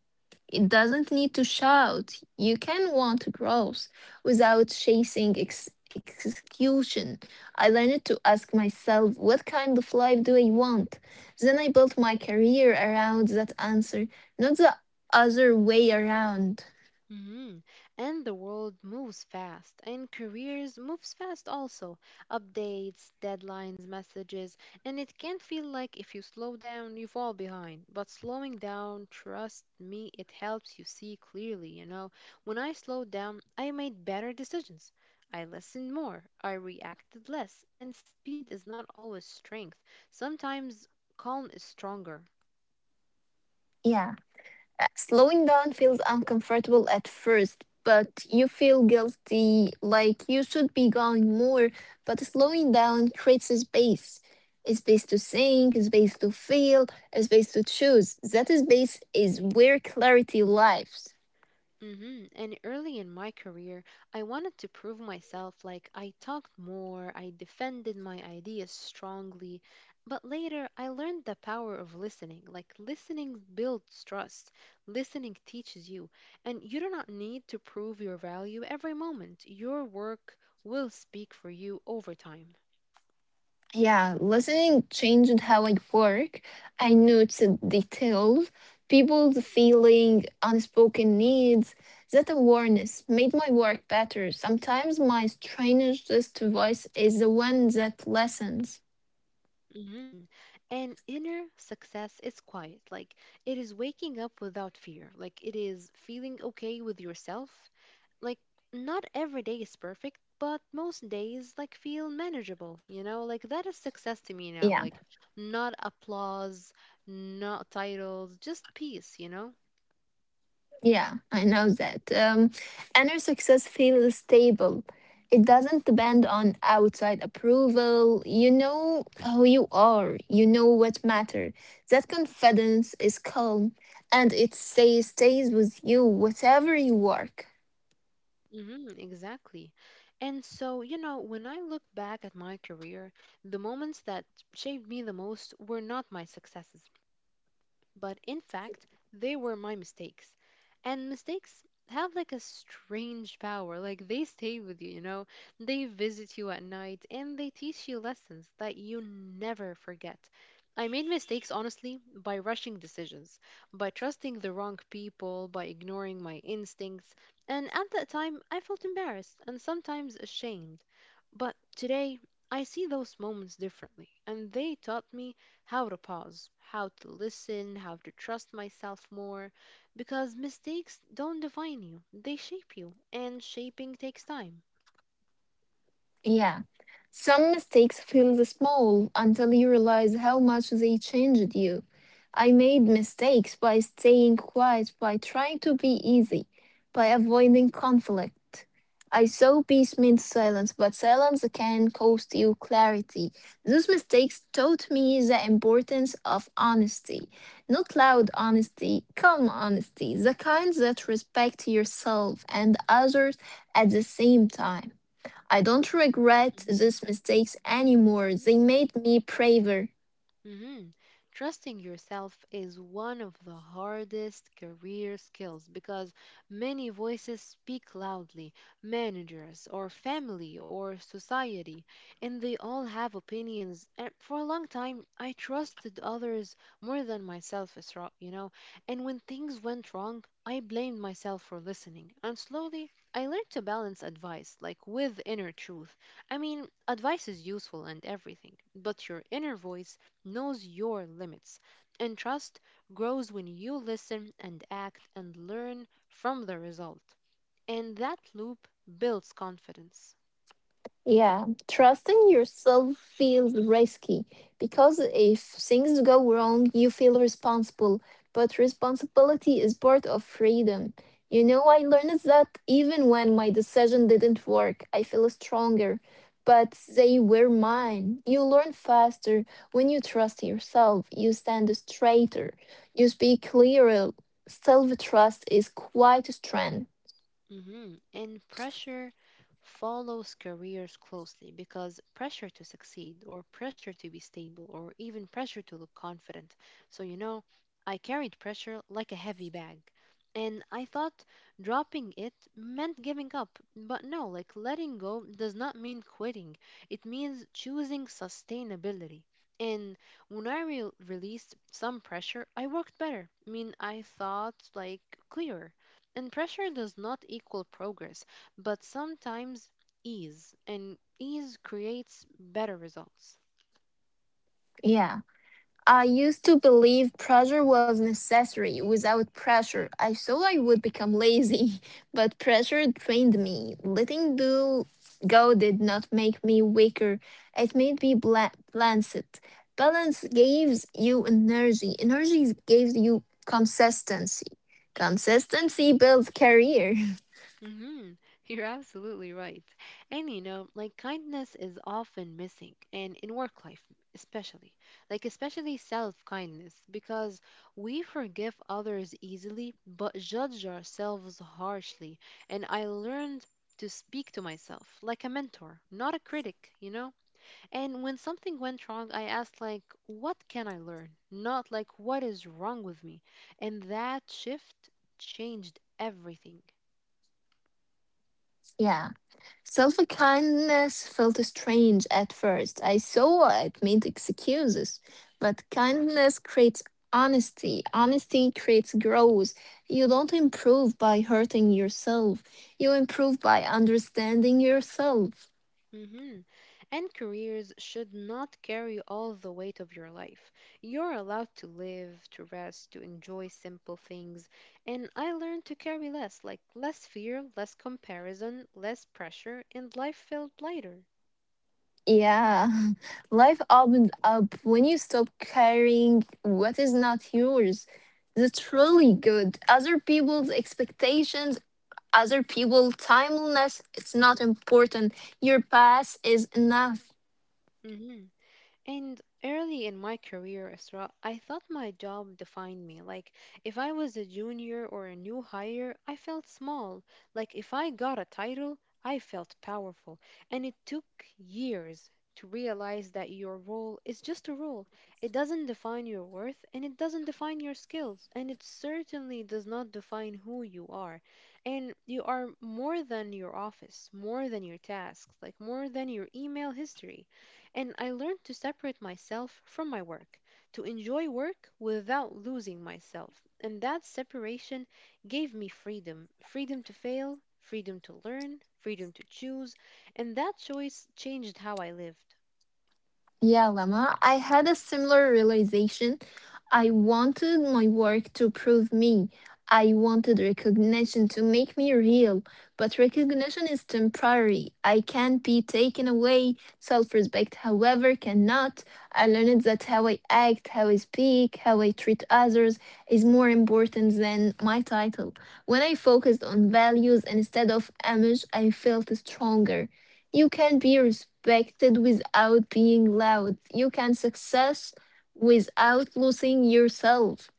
B: It doesn't need to shout. You can want growth without chasing ex- execution. I learned to ask myself, what kind of life do I want? Then I built my career around that answer, not the other way around.
A: hmm And the world moves fast, and careers moves fast also. Updates, deadlines, messages, and it can feel like if you slow down, you fall behind. But slowing down, trust me, it helps you see clearly, you know. When I slowed down, I made better decisions. I listened more, I reacted less, and speed is not always strength. Sometimes calm is stronger.
B: Yeah. Uh, Slowing down feels uncomfortable at first, but you feel guilty, like you should be going more. But slowing down creates a space. A space to think, a space to feel, a space to choose. That space is where clarity lives.
A: hmm And early in my career, I wanted to prove myself like I talked more, I defended my ideas strongly. But later, I learned the power of listening. Like, listening builds trust, listening teaches you. And you do not need to prove your value every moment. Your work will speak for you over time.
B: Yeah, listening changed how I work. I noted details, people's feeling, unspoken needs. That awareness made my work better. Sometimes my strangest voice is the one that listens.
A: Mhm. And inner success is quiet. Like it is waking up without fear. Like it is feeling okay with yourself. Like not every day is perfect, but most days like feel manageable, you know? Like that is success to me now.
B: Yeah.
A: Like not applause, not titles, just peace, you know?
B: Yeah, I know that. Um, and success feels stable. It doesn't depend on outside approval. You know who you are. You know what matters. That confidence is calm, and it stays stays with you, whatever you work.
A: Mm-hmm, exactly. And so, you know, when I look back at my career, the moments that shaped me the most were not my successes, but in fact they were my mistakes. And mistakes have, like, a strange power. Like, they stay with you you know They visit you at night and they teach you lessons that you never forget. I made mistakes honestly by rushing decisions, by trusting the wrong people, by ignoring my instincts. And at that time I felt embarrassed and sometimes ashamed, but today, I see those moments differently, and they taught me how to pause, how to listen, how to trust myself more. Because mistakes don't define you, they shape you, and shaping takes time.
B: Yeah. Some mistakes feel small until you realize how much they changed you. I made mistakes by staying quiet, by trying to be easy, by avoiding conflict. I saw peace means silence, but silence can cost you clarity. Those mistakes taught me the importance of honesty. Not loud honesty, calm honesty, the kind that respect yourself and others at the same time. I don't regret
A: Mhm.
B: these mistakes anymore. They made me braver.
A: Mhm. Trusting yourself is one of the hardest career skills because many voices speak loudly, managers, or family, or society, and they all have opinions. And for a long time, I trusted others more than myself, Isra, you know. And when things went wrong, I blamed myself for listening. And slowly, I learned to balance advice, like with inner truth. I mean, advice is useful and everything, but your inner voice knows your limits, and trust grows when you listen and act and learn from the result. And that loop builds confidence.
B: Yeah, trusting yourself feels risky because if things go wrong, you feel responsible. But responsibility is part of freedom. You know, I learned that even when my decision didn't work, I feel stronger. But they were mine. You learn faster when you trust yourself. You stand straighter. You speak clearer. Self trust is quite a strength.
A: Mhm. And pressure follows careers closely because pressure to succeed, or pressure to be stable, or even pressure to look confident. So, you know, I carried pressure like a heavy bag. And I thought dropping it meant giving up. But no, like letting go does not mean quitting, it means choosing sustainability. And when I re- released some pressure, I worked better. I mean, I thought like clearer and pressure does not equal progress, but sometimes ease, and ease creates better results.
B: Yeah. I used to believe pressure was necessary. Without pressure, I thought I would become lazy, but pressure trained me. Letting do go did not make me weaker. It made me bla- balanced. Balance gives you energy. Energy gives you consistency. Consistency builds career.
A: Mm-hmm. You're absolutely right. And you know, like kindness is often missing, and in work life especially, like especially self kindness, because we forgive others easily but judge ourselves harshly. And I learned to speak to myself like a mentor, not a critic, you know? And when something went wrong, I asked, like, what can I learn? Not like, what is wrong with me? And that shift changed everything.
B: Yeah. Self kindness felt strange at first. I saw it made excuses, but kindness creates honesty. Honesty creates growth. You don't improve by hurting yourself, you improve by understanding yourself.
A: Hmm. And careers should not carry all the weight of your life. You're allowed to live, to rest, to enjoy simple things. And I learned to carry less, like less fear, less comparison, less pressure, and life felt lighter.
B: Yeah, life opened up when you stop carrying what is not yours. That's really good. Other people's expectations, other people timeliness, it's not important. Your past is enough.
A: Hmm. And early in my career, Isra, I thought my job defined me. Like, if I was a junior or a new hire, I felt small. Like, if I got a title, I felt powerful. And it took years to realize that your role is just a role. It doesn't define your worth, and it doesn't define your skills, and it certainly does not define who you are. And you are more than your office, more than your tasks, like more than your email history. And I learned to separate myself from my work, to enjoy work without losing myself. And that separation gave me freedom freedom to fail, freedom to learn, freedom to choose. And that choice changed how I lived.
B: Yeah, Lama, I had a similar realization. I wanted my work to prove me. I wanted recognition to make me real, but recognition is temporary. I can be taken away. Self respect, however, cannot. I learned that how I act, how I speak, how I treat others is more important than my title. When I focused on values instead of image, I felt stronger. You can be respected without being loud. You can success without losing yourself.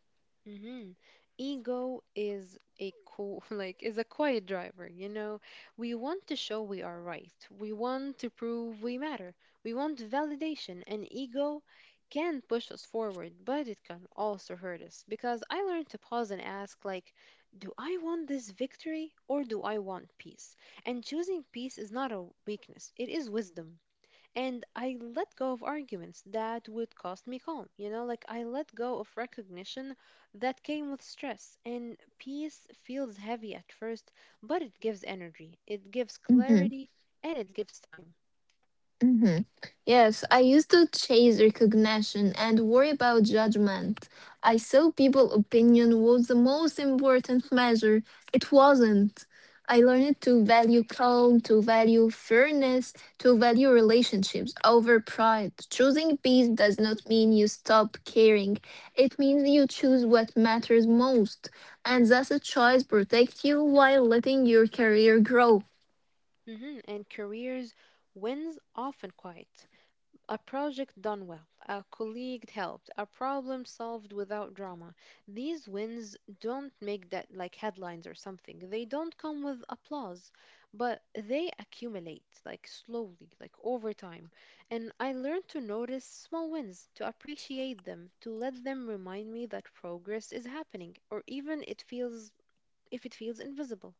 A: Hmm. Ego is a co- like is a quiet driver, you know. We want to show we are right. We want to prove we matter. We want validation, and ego can push us forward, but it can also hurt us because I learned to pause and ask, like, do I want this victory or do I want peace? And choosing peace is not a weakness. It is wisdom, and I let go of arguments that would cost me calm. You know, like I let go of recognition that came with stress, and peace feels heavy at first, but it gives energy, it gives
B: Mhm.
A: clarity, and it gives time.
B: hmm Yes, I used to chase recognition and worry about judgment. I saw people opinion was the most important measure. It wasn't. I learned to value calm, to value fairness, to value relationships over pride. Choosing peace does not mean you stop caring. It means you choose what matters most. And that's a choice protects you while letting your career grow.
A: Hmm. And careers wins often quiet. A project done well, a colleague helped, a problem solved without drama. These wins don't make that like headlines or something. They don't come with applause, but they accumulate like slowly, like over time. And I learned to notice small wins, to appreciate them, to let them remind me that progress is happening, or even it feels if it feels invisible.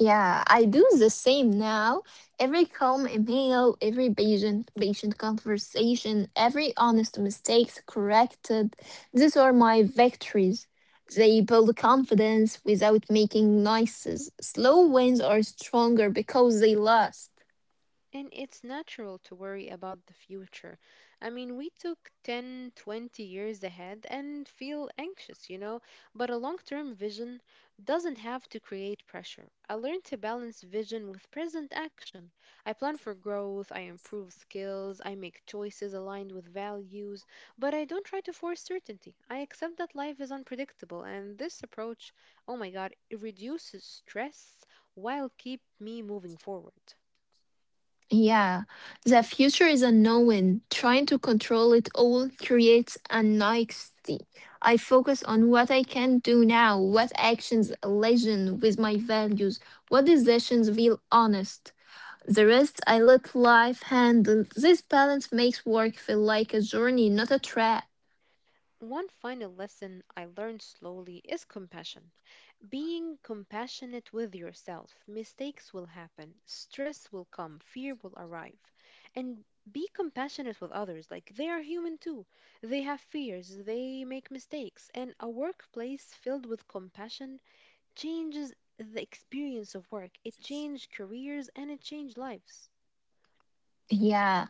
B: Yeah, I do the same now. Every calm email, every patient patient conversation, every honest mistakes corrected. These are my victories. They build confidence without making noises. Slow wins are stronger because they last.
A: And it's natural to worry about the future. I mean, we took ten, twenty years ahead and feel anxious, you know, but a long term vision doesn't have to create pressure. I learned to balance vision with present action. I plan for growth, I improve skills, I make choices aligned with values, but I don't try to force certainty. I accept that life is unpredictable, and this approach, oh my God, it reduces stress while keep me moving forward.
B: Yeah, the future is unknown. Trying to control it all creates anxiety. I focus on what I can do now, what actions align with my values, what decisions feel honest. The rest I let life handle. This balance makes work feel like a journey, not a trap.
A: One final lesson I learned slowly is compassion. Being compassionate with yourself, mistakes will happen, stress will come, fear will arrive. And be compassionate with others. Like they are human too. They have fears, they make mistakes. And a workplace filled with compassion changes the experience of work. It changed careers and it changed lives.
B: Yeah.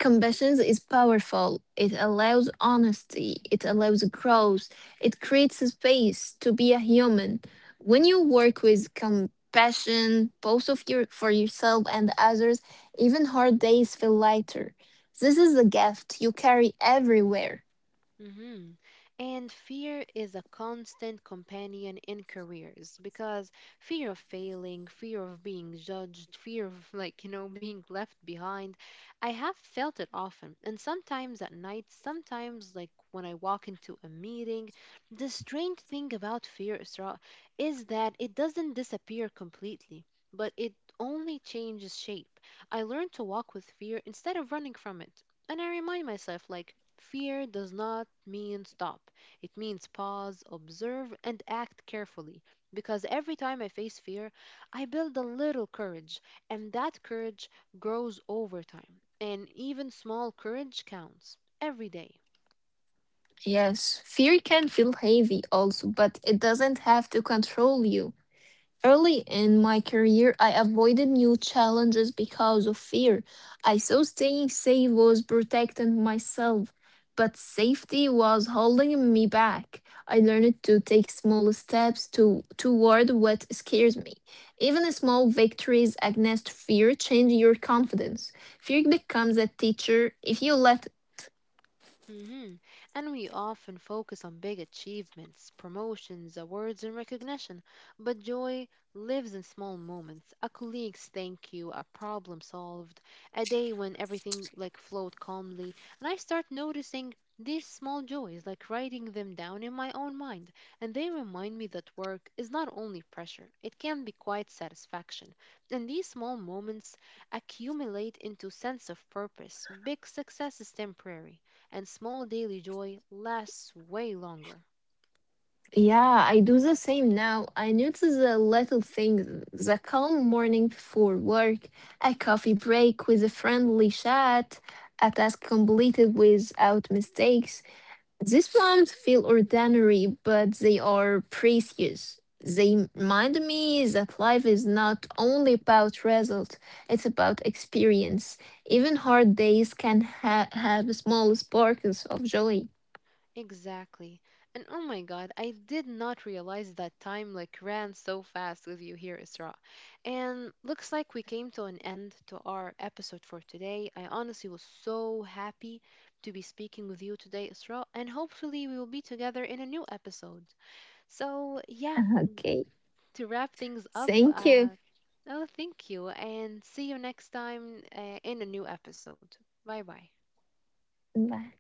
B: Compassion is powerful. It allows honesty. It allows growth. It creates a space to be a human. When you work with compassion, both of your for yourself and others, even hard days feel lighter. This is a gift you carry everywhere.
A: Mhm. And fear is a constant companion in careers because fear of failing, fear of being judged, fear of, like, you know, being left behind. I have felt it often. And sometimes at night, sometimes, like, when I walk into a meeting, the strange thing about fear, Isra, is that it doesn't disappear completely, but it only changes shape. I learned to walk with fear instead of running from it. And I remind myself, like, fear does not mean stop. It means pause, observe, and act carefully. Because every time I face fear, I build a little courage, and that courage grows over time. And even small courage counts every day.
B: Yes, fear can feel heavy also, but it doesn't have to control you. Early in my career, I avoided new challenges because of fear. I thought staying safe was protecting myself, but safety was holding me back. I learned to take small steps to toward what scares me. Even small victories against fear change your confidence. Fear becomes a teacher if you let.
A: Hmm. And we often focus on big achievements, promotions, awards, and recognition. But joy lives in small moments, a colleague's thank you, a problem solved, a day when everything like flowed calmly. And I start noticing these small joys, like writing them down in my own mind. And they remind me that work is not only pressure, it can be quite satisfaction. And these small moments accumulate into sense of purpose. Big success is temporary and small daily joy lasts way longer.
B: Yeah, I do the same now. I notice the little things, the calm morning before work, a coffee break with a friendly chat, a task completed without mistakes. These moments feel ordinary, but they are precious. They remind me that life is not only about result, it's about experience. Even hard days can ha- have small sparks of joy.
A: Exactly. And oh my God, I did not realize that time like ran so fast with you here, Isra. And looks like we came to an end to our episode for today. I honestly was so happy to be speaking with you today, Isra, and hopefully we will be together in a new episode. So, yeah,
B: Okay,
A: to wrap things up,
B: thank you.
A: uh, oh, thank you, and see you next time uh, in a new episode. Bye bye.
B: Bye.